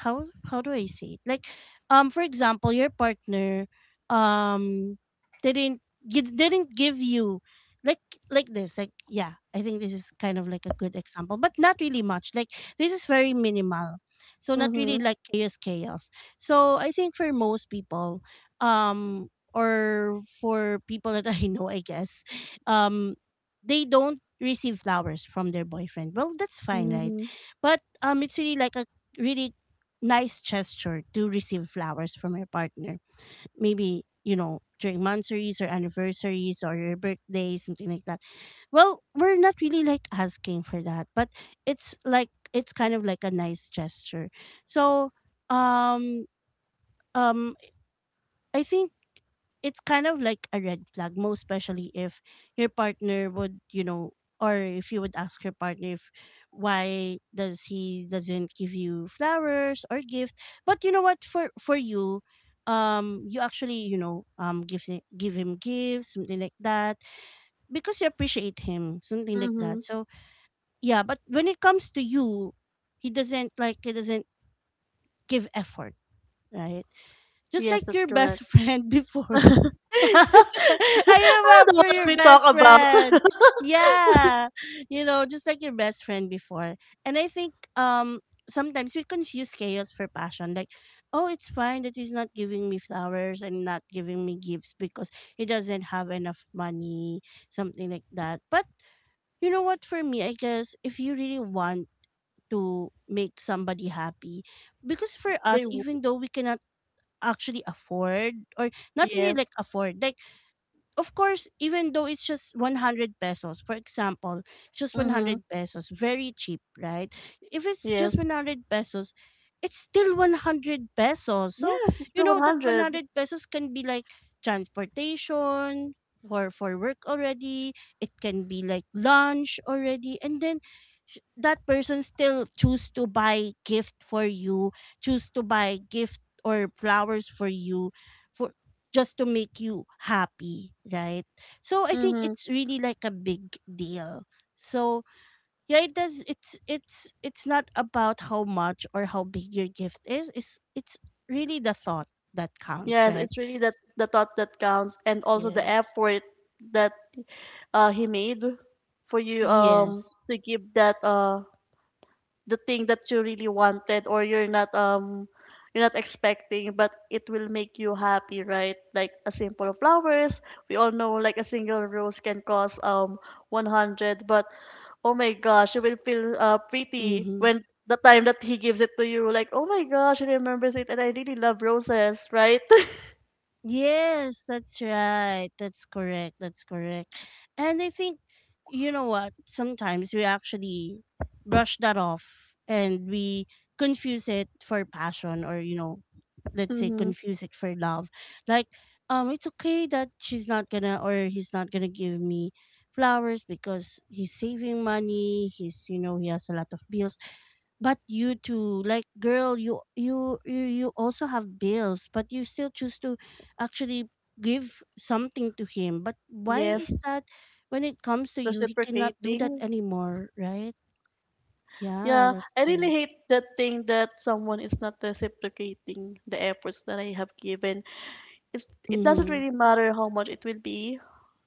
A: how do I say it? Like, for example, your partner, um, didn't you didn't give you like like this like yeah, I think this is kind of like a good example, but not really much like this is very minimal, so not really
B: mhm
A: like chaos. So I think for most people um or for people that (laughs) I know, I guess, um they don't receive flowers from their boyfriend. Well, that's fine, right?
B: mhm
A: But it's really like a really nice gesture to receive flowers from your partner. Maybe, you know, during monthsaries or anniversaries or your birthday, something like that. Well, we're not really like asking for that, but it's like it's kind of like a nice gesture. So, um um I think it's kind of like a red flag, most especially if your partner would, you know, or if you would ask your partner if why does he doesn't give you flowers or gift. But you know what, for you, you actually, you know, give him gifts, something like that, because you appreciate him, something like
B: mhm
A: that. So yeah, but when it comes to you, he doesn't give effort, right? Just
B: Yes,
A: like
B: that's
A: your best
B: correct.
A: friend before.
B: (laughs)
A: (laughs) I
B: Ah, the one
A: remember
B: that
A: your
B: we talk
A: best
B: about.
A: friend.
B: (laughs)
A: Yeah. You know, just like your best friend before. And I think sometimes we confuse chaos for passion. Like, oh, it's fine that he's not giving me flowers and not giving me gifts because he doesn't have enough money, something like that. But you know what, for me, I guess if you really want to make somebody happy, because for
B: They
A: us,
B: would.
A: even though we cannot actually afford or not really like
B: Yes.
A: afford, like of course, even though it's just 100 pesos, for example, just
B: Mm-hmm.
A: 100 pesos, very cheap, right? If it's
B: Yes.
A: just 100 pesos, it's still 100 pesos. So,
B: Yes, it's
A: you
B: the
A: know, that
B: 100.
A: 100 pesos can be like transportation for work already. It can be like lunch already. And then that person still choose to buy gift for you, choose to buy gift or flowers for you. For, just to make you happy, right? So I think
B: Mm-hmm.
A: it's really like a big deal. So yeah, it does it's not about how much or how big your gift is. It's really the thought that counts,
B: Yes,
A: right?
B: it's really that
A: S-
B: the thought that counts, and also the
A: Yes.
B: effort that, he made for you
A: Yes.
B: to give that, uh, the thing that you really wanted, or you're not, you're not expecting, but it will make you happy, right? Like a simple flowers, we all know like a single rose can cost 100, but oh my gosh, you will feel, pretty
A: Mm-hmm.
B: when the time that he gives it to you, like oh my gosh, he remembers it and I really love roses, right?
A: Yes, that's right. That's correct. That's correct. And I think, you know what, sometimes we actually brush that off, and we confuse it for passion, or, you know,
B: (laughs)
A: let's say
B: Mm-hmm.
A: confuse it for love. Like, it's okay that she's not gonna or he's not gonna give me flowers because he's saving money. He's, you know, he has a lot of bills, but you too, like girl, you also have bills, but you still choose to actually give something to him. But why
B: Yes.
A: is that? When it comes to you, he cannot do that
B: Reciprocating.
A: anymore, right? Yeah,
B: Yeah,
A: that's
B: I really
A: correct.
B: hate that thing that someone is not reciprocating the efforts that I have given. It's it doesn't
A: Mm-hmm.
B: really matter how much it will be,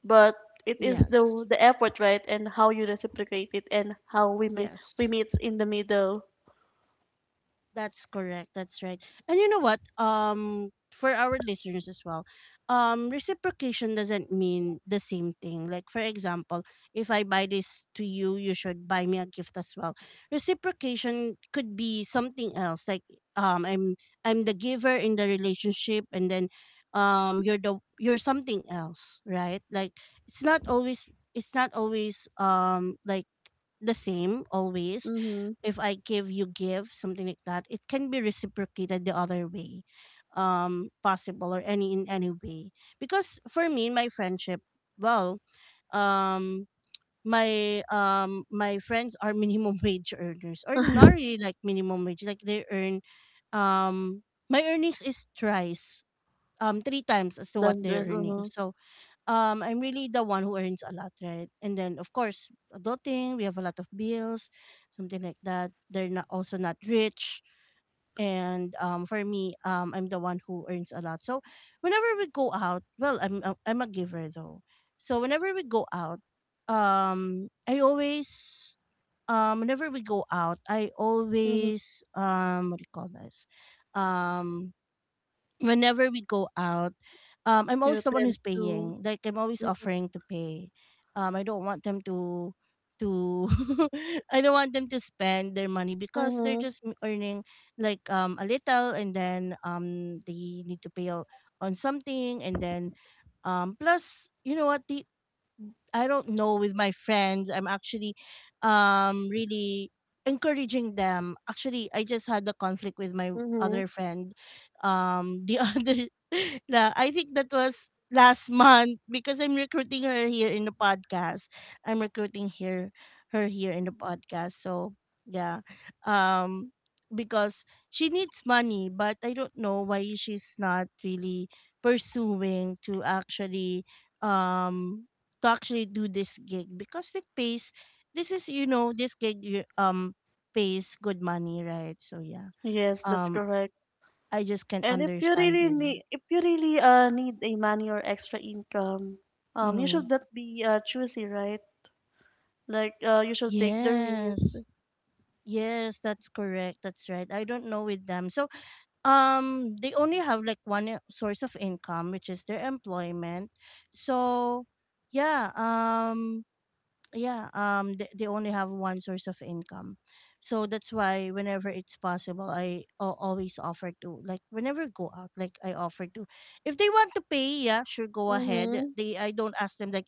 B: but it is the
A: Yes.
B: the effort, right? And how you reciprocate it, and how we
A: Yes.
B: meet in the middle.
A: That's correct. That's right. And you know what? For our listeners as well, reciprocation doesn't mean the same thing. Like for example, if I buy this to you, you should buy me a gift as well. Reciprocation could be something else. Like um, I'm I'm the giver in the relationship, and then you're something else, right? Like it's not always like the same always.
B: Mm-hmm.
A: If I give, you give, something like that. It can be reciprocated the other way, possible or any in any way. Because for me, my friendship, well, um, my friends are minimum (laughs) wage earners, or not really like minimum wage, like they earn um my earnings is thrice, three times as to what
B: Then
A: they're
B: just
A: earning.
B: mm-hmm.
A: So I'm really the one who earns a lot, right? And then of course adulting, we have a lot of bills, something like that. They're not also not rich. And for me, I'm the one who earns a lot. So whenever we go out, well, I'm a giver though. So whenever we go out, I always whenever we go out, I
B: Mm-hmm.
A: always, what do you call this? Um, Whenever we go out, I'm always
B: You
A: the one
B: tend
A: who's
B: to.
A: paying. Like I'm always
B: Mm-hmm.
A: offering to pay. I don't want them to to (laughs) I don't want them to spend their money because they're
B: Mm-hmm.
A: just earning like a little, and then they need to pay out on something. And then plus, you know what, they— I don't know with my friends. I'm actually really encouraging them. Actually, I just had a conflict with my
B: Mm-hmm.
A: other friend. The (laughs) other I think that was last month, because I'm recruiting her here in the podcast. I'm recruiting here her here in the podcast. So, yeah. Um because she needs money, but I don't know why she's not really pursuing um to actually do this gig, because it pays— this is, you know, this gig pays good money, right? So yeah.
B: Yes, that's
A: um
B: correct.
A: I just can't
B: And if you
A: understand
B: really
A: with her.
B: need, if you really, uh, need a money or extra income, you should
A: Mm.
B: not be, uh, choosy, right? Like, you should take the risk.
A: Yes, yes, that's correct, that's right. I don't know with them. So they only have like one, source of income, which is their employment. So yeah. Yeah they only have one source of income, so that's why whenever it's possible, always offer to— like whenever I go out, like I offer to, if they want to pay, yeah sure, go ahead.
B: Mm-hmm.
A: They I don't ask them like,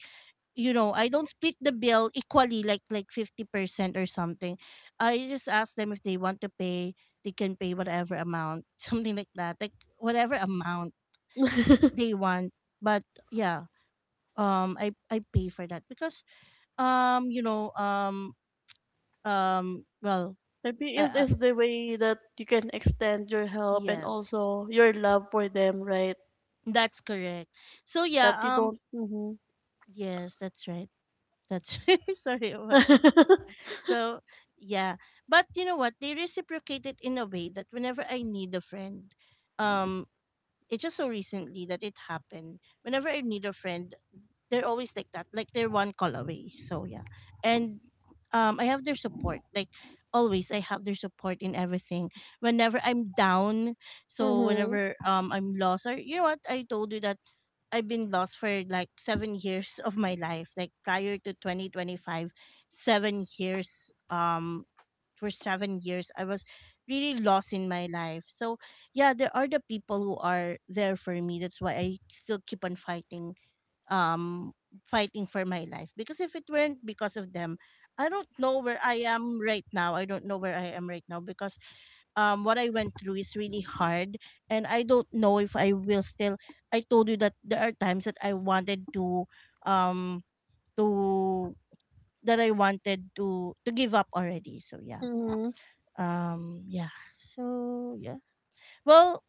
A: you know, I don't split the bill equally, like 50% or something. I just ask them if they want to pay. They can pay whatever amount (laughs) something like that, like whatever amount they want. But yeah, I pay for that because um you know um um well
B: Maybe it
A: uh, uh,
B: is the way that you can extend your help and
A: yes,
B: also your love for them, right?
A: that's correct. So yeah.
B: That you don't. Mm-hmm.
A: Yes, that's right. That's (laughs) right. Sorry about that. Sorry.
B: (laughs)
A: So yeah, but you know what, they reciprocated in a way that whenever I need a friend, um it's just so recently that it happened. Whenever I need a friend, they're always like that, like they're one call away. So yeah. And I have their support, like always I have their support in everything whenever I'm down. So
B: Mm-hmm.
A: whenever I'm lost, or you know what, I told you that I've been lost for like seven (laughs) years of my life, like prior to 2025. 7 years, for 7 years I was really lost in my life. So yeah, there are the people who are there for me, that's why I still keep on fighting, um fighting for my life, because if it weren't because of them, I don't know where I am right now. I don't know where I am right now because what I went through is really hard, and I don't know if I will still— I told you that there are times that I wanted to um to that I wanted to give up already. So yeah,
B: Mm-hmm.
A: um yeah so yeah well,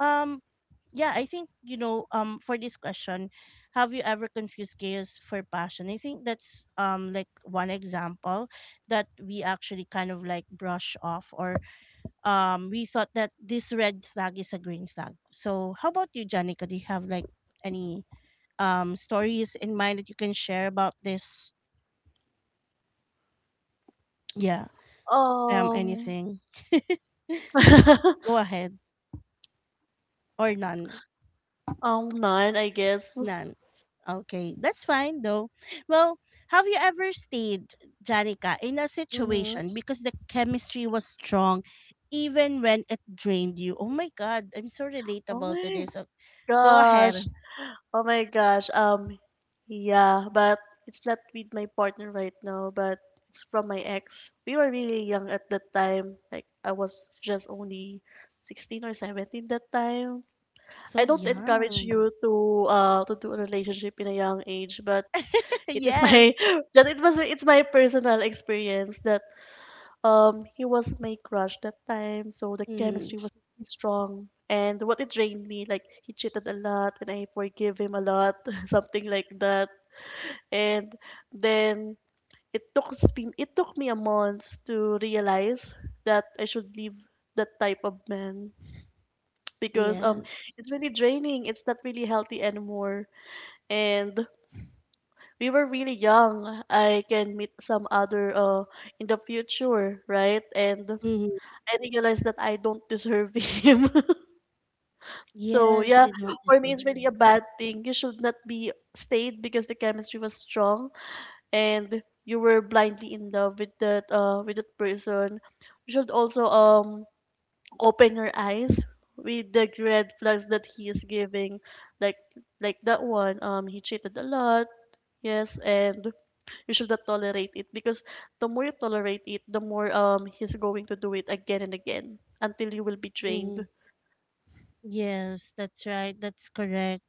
A: um, yeah, I think, you know, for this question, have you ever confused chaos for passion? I think that's like one example that we actually kind of like brush off, or we thought that this red flag is a green flag. So, how about you, Janica? Do you have like any stories in mind that you can share about this? Yeah,
B: um,
A: anything? (laughs) Go
B: (laughs)
A: ahead, or none.
B: none, I guess.
A: None. Okay, that's fine though. Well, have you ever stayed, Janica, in a
B: Mm-hmm.
A: situation because the chemistry was strong even when it drained you? Oh my god, I'm so
B: Oh
A: relatable to
B: my
A: this. Go ahead.
B: gosh. Oh my gosh. Yeah, but it's not with my partner right now, but it's from my ex. We were really young at that time. Like I was just only 16 or 17 that time. I
A: So
B: don't encourage
A: young.
B: you to do a relationship in a young age, but
A: (laughs)
B: it is my
A: Yes.
B: (laughs) that it's my personal experience that, he was my crush that time, so the
A: Mm-hmm.
B: chemistry was really strong. And what it drained me, like he cheated a lot, and I forgive him a lot, (laughs) something like that. And then it took me a month to realize that I should leave that type of man because
A: Yes.
B: it's really draining. It's not really healthy anymore. And we were really young. I can meet some other, uh, in the future, right? And
A: Mm-hmm.
B: I realized that I don't deserve (laughs) him. So
A: Yes,
B: yeah,
A: you don't
B: for me
A: deserve
B: it's really
A: him.
B: a bad thing. You should not be stayed because the chemistry was strong and you were blindly in love with that, uh, with that person. You should also open your eyes with the red flags that he is giving, like like that one. He cheated a lot. Yes, and you should not tolerate it because the more you tolerate it, the more he's going to do it again and again until you will be
A: Mm-hmm.
B: drained.
A: Yes, that's right. That's correct.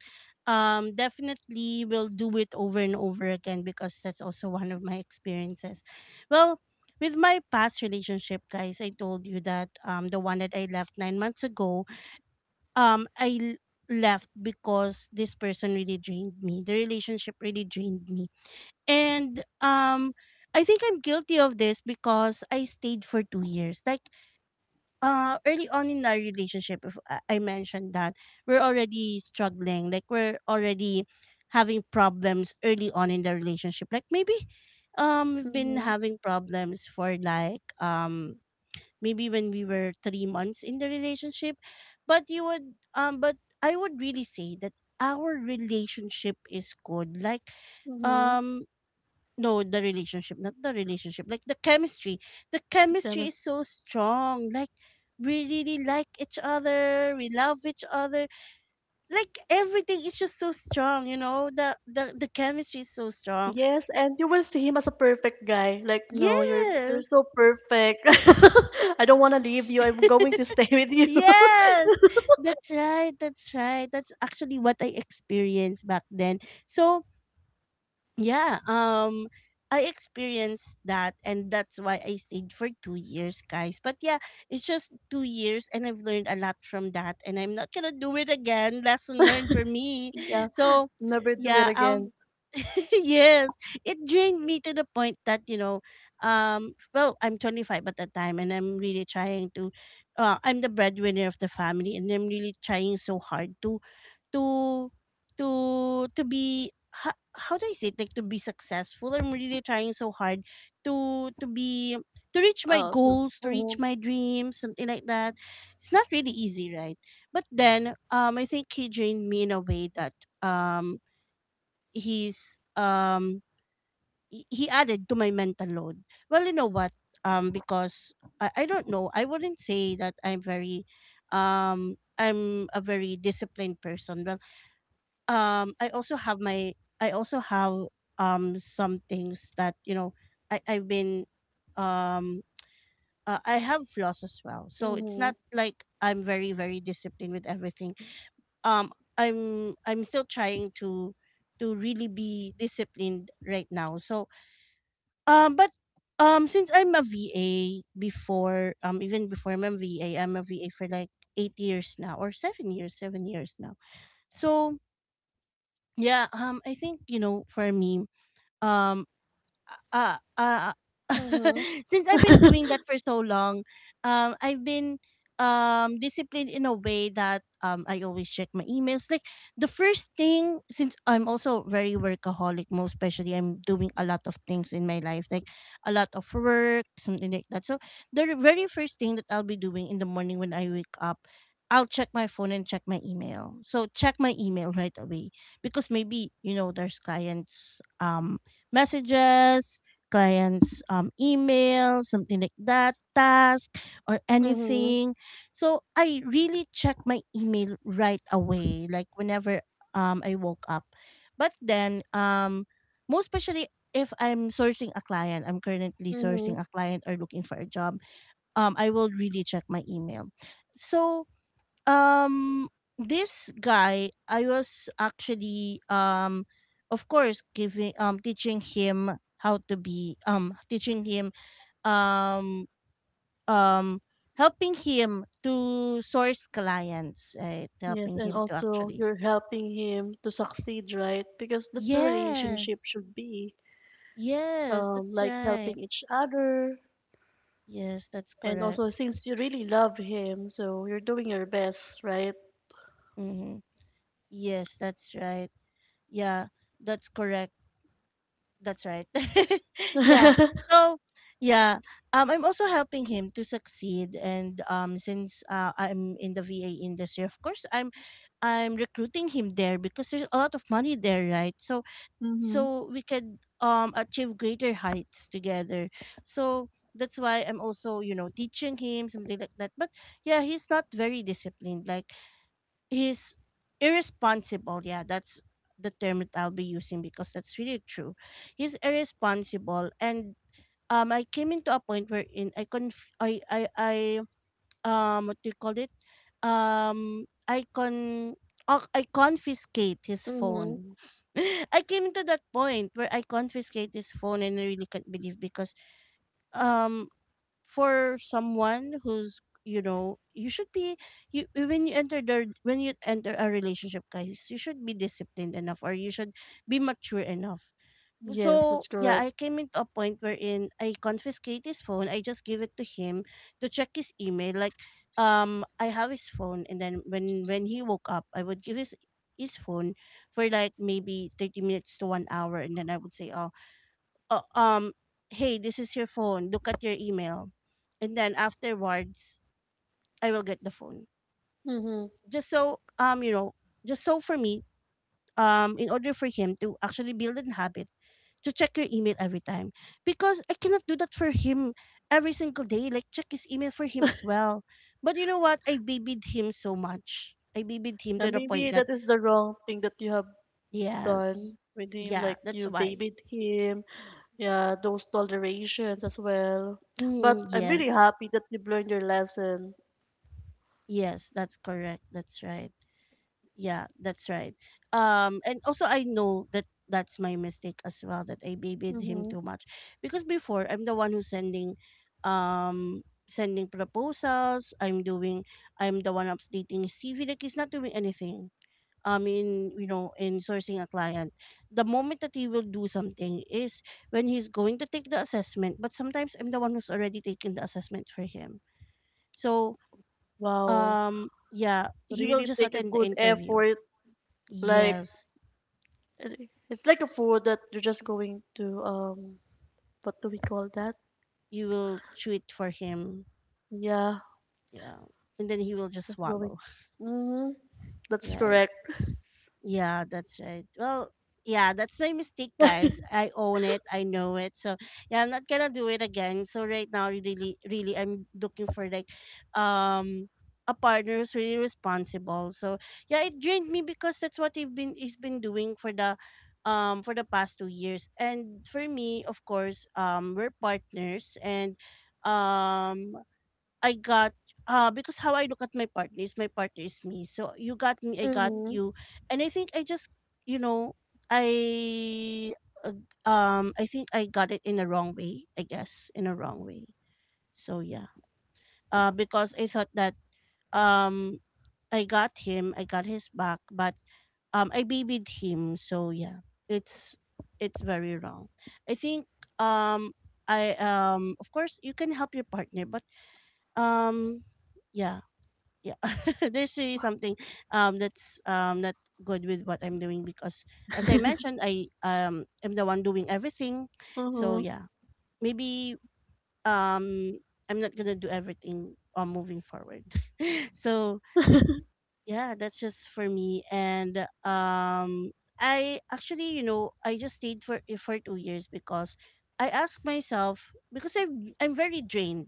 A: Definitely will do it over and over again, because that's also one of my experiences. Well, with my past relationship, guys, I told you that the one that I left 9 months ago, um I left because this person really drained me. The relationship really drained me, and I think I'm guilty of this because I stayed for 2 years. Like uh, early on in our relationship, if I mentioned that we're already struggling, like we're already having problems early on in the relationship, like maybe we've been
B: Mhm.
A: having problems for like maybe when we were 3 months in the relationship. But you would— but I would really say that our relationship is good, like
B: Mhm.
A: um no, the relationship, not the relationship, like the chemistry. The
B: The
A: chemistry
B: premise.
A: is so strong, like we really like each other, we love each other, like everything is just so strong, you know, the chemistry is so strong.
B: Yes, and you will see him as a perfect guy. Like, no, you're
A: Yes.
B: so perfect. (laughs) I don't want to leave you. I'm going to stay with
A: (laughs)
B: you. (laughs)
A: Yes, that's right, that's right. That's actually what I experienced back then. So yeah, I experienced that, and that's why I stayed for 2 years, guys. But yeah, it's just 2 years, and I've learned a lot from that, and I'm not going to do it again. Lesson learned for me.
B: Yeah,
A: (laughs) So,
B: never do it
A: yeah,
B: again.
A: (laughs) yes, it drained me to the point that, you know, well, I'm 25 at the time, and I'm really trying to I'm the breadwinner of the family, and I'm really trying so hard to to to to be— how do I say it? Like to be successful. I'm really trying so hard to be to reach my
B: Uh.
A: goals, to reach
B: Mhm.
A: my dreams, something like that. It's not really easy, right? But then I think he trained me in a way that um he's um he added to my mental load. Well, you know what? Because I don't know. I wouldn't say that I'm very I'm a very disciplined person. Well, um I also have my I also have some things that, you know, I I've been um I have flaws as well. So it's not
B: Mhm.
A: like I'm very very disciplined with everything. Um I'm still trying to really be disciplined right now. So but since I'm a VA before, even before, I'm a VA. I'm a VA for like 8 years now, or 7 years, 7 years now. So yeah, I think, you know, for me, Um, uh, uh, (laughs)
B: Mhm.
A: since I've been doing that for so long, I've been disciplined in a way that I always check my emails. Like the first thing, since I'm also very workaholic, most especially I'm doing a lot of things in my life, like a lot of work, something like that. So the very first thing that I'll be doing in the morning when I wake up, I'll check my phone and check my email. So check my email right away, because maybe, you know, there's clients messages, clients' email, something like that, task, or
B: Mhm.
A: anything. So I really check my email right away, like whenever I woke up. But then, most especially if I'm sourcing a client, I'm currently
B: Mhm.
A: sourcing a client or looking for a job, I will really check my email. So um, this guy, I was actually of course, giving teaching him um um helping him to source clients, right?
B: Yes,
A: Helping
B: and
A: him to
B: also
A: actually—
B: you're helping him to succeed, right? Because that's the relationship
A: yes,
B: should be,
A: yes, that's
B: like
A: right.
B: helping each other.
A: Yes, that's
B: And also,
A: correct.
B: since you really love him, so you're doing your best, right?
A: Mm-hmm. Yes, that's right. Yeah, that's correct. That's right. (laughs) Yeah.
B: (laughs)
A: So yeah, I'm also helping him to succeed, and since I'm in the VA industry, of course, I'm recruiting him there because there's a lot of money there, right? So
B: Mm-hmm.
A: so we could achieve greater heights together. So that's why I'm also teaching him something like that. But yeah, he's not very disciplined. Like he's irresponsible. Yeah, that's the term that I'll be using because that's really true. He's irresponsible, and I came into a point wherein I what do you call it? Um, I con. Oh, I confiscate his
B: Mm-hmm.
A: phone. (laughs) I came to that point where I confiscate his phone and I really can't believe because um for someone who's you should be you when you enter the when you enter a relationship, guys, you should be disciplined enough or you should be mature enough.
B: Yes,
A: So
B: that's
A: yeah,
B: correct.
A: I came into a point wherein I confiscate his phone. I just give it to him to check his email. Like, I have his phone, and then when he woke up, I would give his phone for like maybe 30 minutes to 1 hour, and then I would say, oh, uh, um hey, this is your phone, look at your email. And then afterwards I will get the phone,
B: Mm-hmm.
A: just so just so for me, in order for him to actually build an habit to check your email every time, because I cannot do that for him every single day, like check his email for him as well. But you know what, I babied him so much. I babied him to
B: And
A: the
B: maybe
A: point that
B: that is the wrong thing that you have
A: yes,
B: done with him,
A: yeah,
B: like
A: that's
B: you
A: why,
B: babied him, yeah, those tolerations as well. But
A: mm,
B: I'm really
A: yes,
B: happy that you've learned your lesson.
A: yes, that's correct, that's right. Yeah, that's right. And also, I know that that's my mistake as well, that I babied him
B: Mm-hmm.
A: too much, because before I'm the one who's sending, um, sending proposals. I'm doing. I'm the one updating his CV. Like he's not doing anything. I mean, you know, in sourcing a client, the moment that he will do something is when he's going to take the assessment. But sometimes I'm the one who's already taking the assessment for him. So,
B: Wow,
A: yeah, he will
B: really
A: just
B: take a
A: attend the
B: good
A: interview.
B: effort. Like
A: Yes.
B: it- it's like a food that you're just going to, what do we call that?
A: You will chew it for him.
B: Yeah,
A: Yeah. And then he will just
B: just going.
A: swallow. (laughs)
B: Mm-hmm. That's
A: Right.
B: correct.
A: Yeah, that's right. Well, yeah, that's my mistake, guys. I own it. I know it. So yeah, I'm not gonna do it again. So right now, really, really, I'm looking for like, um, a partner who's really responsible. So yeah, it drained me because that's what he's been doing for the past 2 years. And for me, of course, we're partners, and um I got because how I look at my partner is me. So you got me, I got
B: Mm-hmm.
A: you. And I think I just, you know, I I think I got it in a wrong way, I guess, in a wrong way. So yeah. Because I thought that um I got him, I got his back, but I babied him. So yeah. It's very wrong. I think um I, of course you can help your partner, but um yeah yeah, (laughs) there's really something that's not good with what I'm doing, because as I mentioned, I am the one doing everything. So
B: Mm-hmm.
A: yeah, maybe um I'm not gonna do everything, moving forward. (laughs) So
B: (laughs)
A: yeah, that's just for me. And I actually, you know, I just stayed for 2 years because I asked myself, because I'm very drained.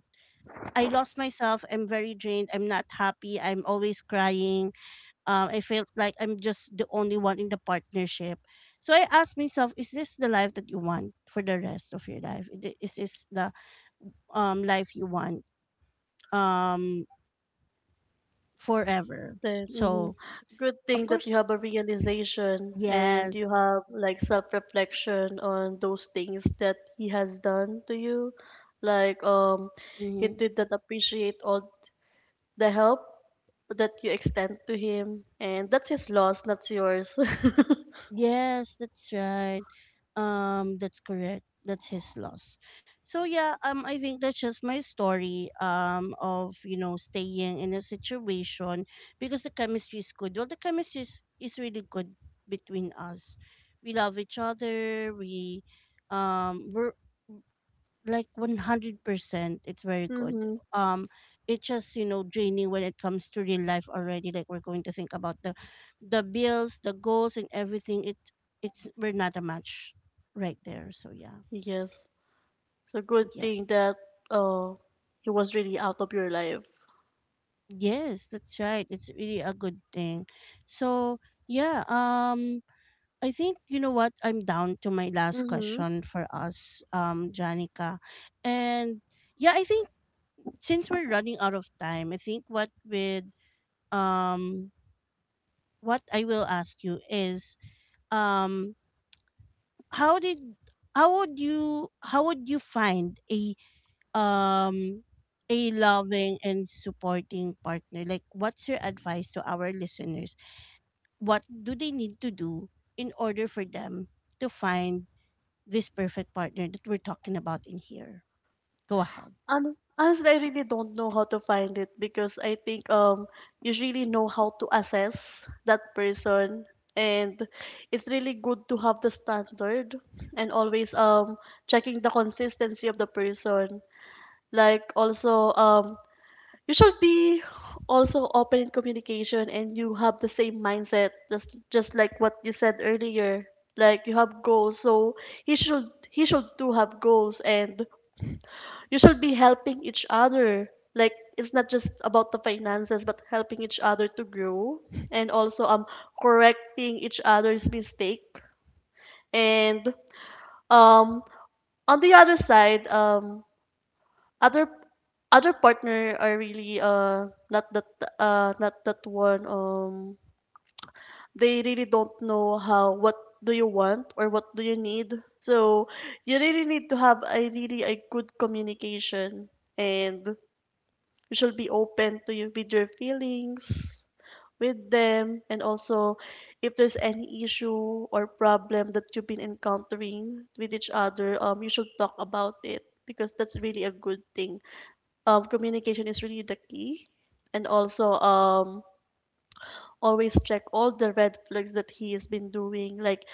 A: I lost myself. I'm very drained. I'm not happy. I'm always crying. I felt like I'm just the only one in the partnership. So I asked myself, is this the life that you want for the rest of your life? Is this the life you want um forever?
B: Then, mhm.
A: So
B: Good thing
A: of
B: that you
A: course,
B: have a realization and you
A: yes.
B: have like self-reflection on those things that he has done to you. Like, he
A: Mm-hmm.
B: did not appreciate all the help that you extend to him, and that's his loss, not yours. (laughs)
A: Yes, that's right. That's correct. That's his loss. So yeah, I think that's just my story. Of, you know, staying in a situation because the chemistry is good. Well, the chemistry is really good between us. We love each other. We, we're like 100%, it's very good.
B: Mm-hmm.
A: um it's just, you know, draining when it comes to real life already. Like we're going to think about the bills, the goals, and everything. It's we're not a match right there. So yeah,
B: Yes. It's a good
A: yeah,
B: thing that, uh, he was really out of your life.
A: yes, that's right, it's really a good thing. So yeah, I think, you know what, I'm down to my last
B: Mm-hmm.
A: question for us, Janica. And yeah, I think since we're running out of time, I think what with um what I will ask you is um how did, how would you, how would you find a, um a loving and supporting partner? Like, what's your advice to our listeners? What do they need to do in order for them to find this perfect partner that we're talking about in here? Go ahead.
B: Honestly, I really don't know how to find it because I think you really know how to assess that person, and it's really good to have the standard and always checking the consistency of the person. Like also you should be also open in communication and you have the same mindset just like what you said earlier. Like you have goals, so he should too have goals and you should be helping each other. Like it's not just about the finances, but helping each other to grow, and also correcting each other's mistake. And um on the other side, other other partner are really, uh, not that, uh, not that one, they really don't know how what do you want or what do you need. So you really need to have a really a good communication, and you should be open to you with your feelings with them, and also if there's any issue or problem that you've been encountering with each other, you should talk about it because that's really a good thing. Communication is really the key. And also, always check all the red flags that he has been doing, like,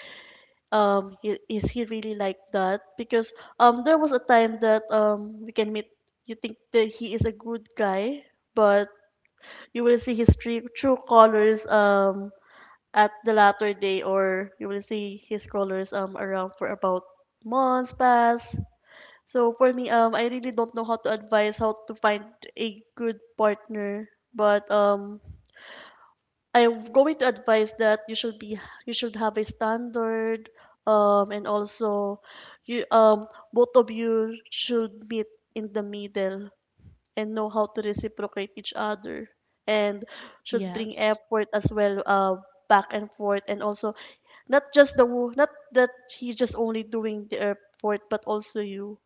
B: is he really like that? Because there was a time that we can meet, you think that he is a good guy, but you will see his true colors, at the latter day, or you will see his colors around for about months past. So for me, I really don't know how to advise how to find a good partner, but I'm going to advise that you should be, you should have a standard, and also you both of you should meet in the middle and know how to reciprocate each other, and should bring
A: Yes.
B: effort as well, back and forth. And also not just not that he's just only doing the effort, but also you.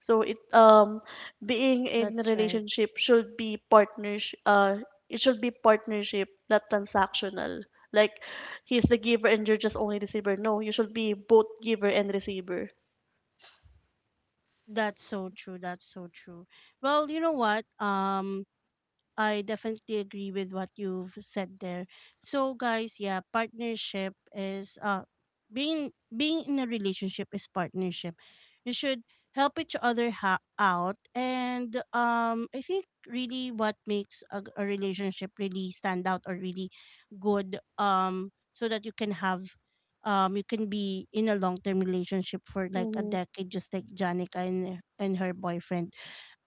B: So it, being in a
A: That's right.
B: relationship should be partnership, uh, it should be partnership, not transactional. Like he's the giver and you're just only receiver. No, you should be both giver and receiver.
A: That's so true. That's so true. Well, you know what? I definitely agree with what you've said there. So guys, yeah, partnership is being in a relationship is partnership. You should help each other out, and I think really what makes a relationship really stand out or really good, so that you can have you can be in a long-term relationship for like a
B: Mm-hmm.
A: decade, just like Janica and her boyfriend.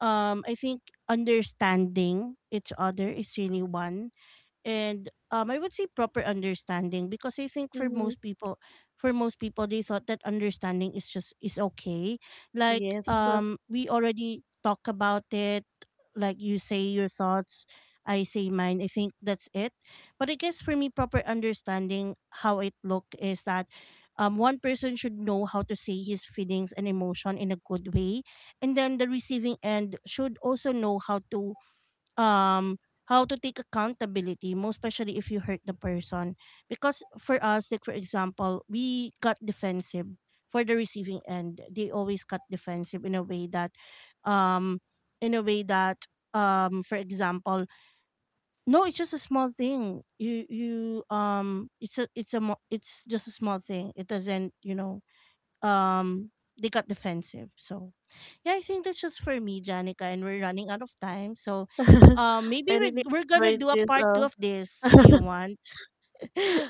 A: I think understanding each other is really one. And I would say proper understanding, because I think for
B: Mm-hmm.
A: most people, for most people, they thought that understanding is just is okay. Like
B: Yes, but
A: we already talk about it, like you say your thoughts, I say mine. I think that's it. But I guess for me, proper understanding, how it look is that one person should know how to say his feelings and emotion in a good way, and then the receiving end should also know um how to take accountability, most especially if you hurt the person. Because for us, like for example, we got defensive. For the receiving end, they always got defensive in a way that um in a way that for example, no, it's just a small thing, you it's a it's just a small thing, it doesn't, you know, um they got defensive. So yeah, I think that's just for me, Janica, and we're running out of time. So
B: (laughs) I
A: maybe
B: really
A: we're gonna
B: enjoyed
A: do a
B: this,
A: part
B: uh.
A: two of this. Do you want? (laughs)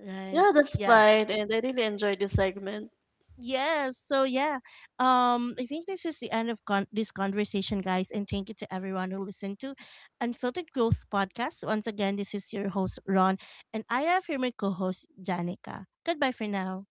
A: Right.
B: Yeah, that's
A: Yeah.
B: fine. And I really enjoyed this segment.
A: Yes. So yeah. I think this is the end of this conversation, guys, and thank you to everyone who listened to Unfiltered Growth Podcast. Once again, this is your host Ron, and I have here my co-host Janica. Goodbye for now.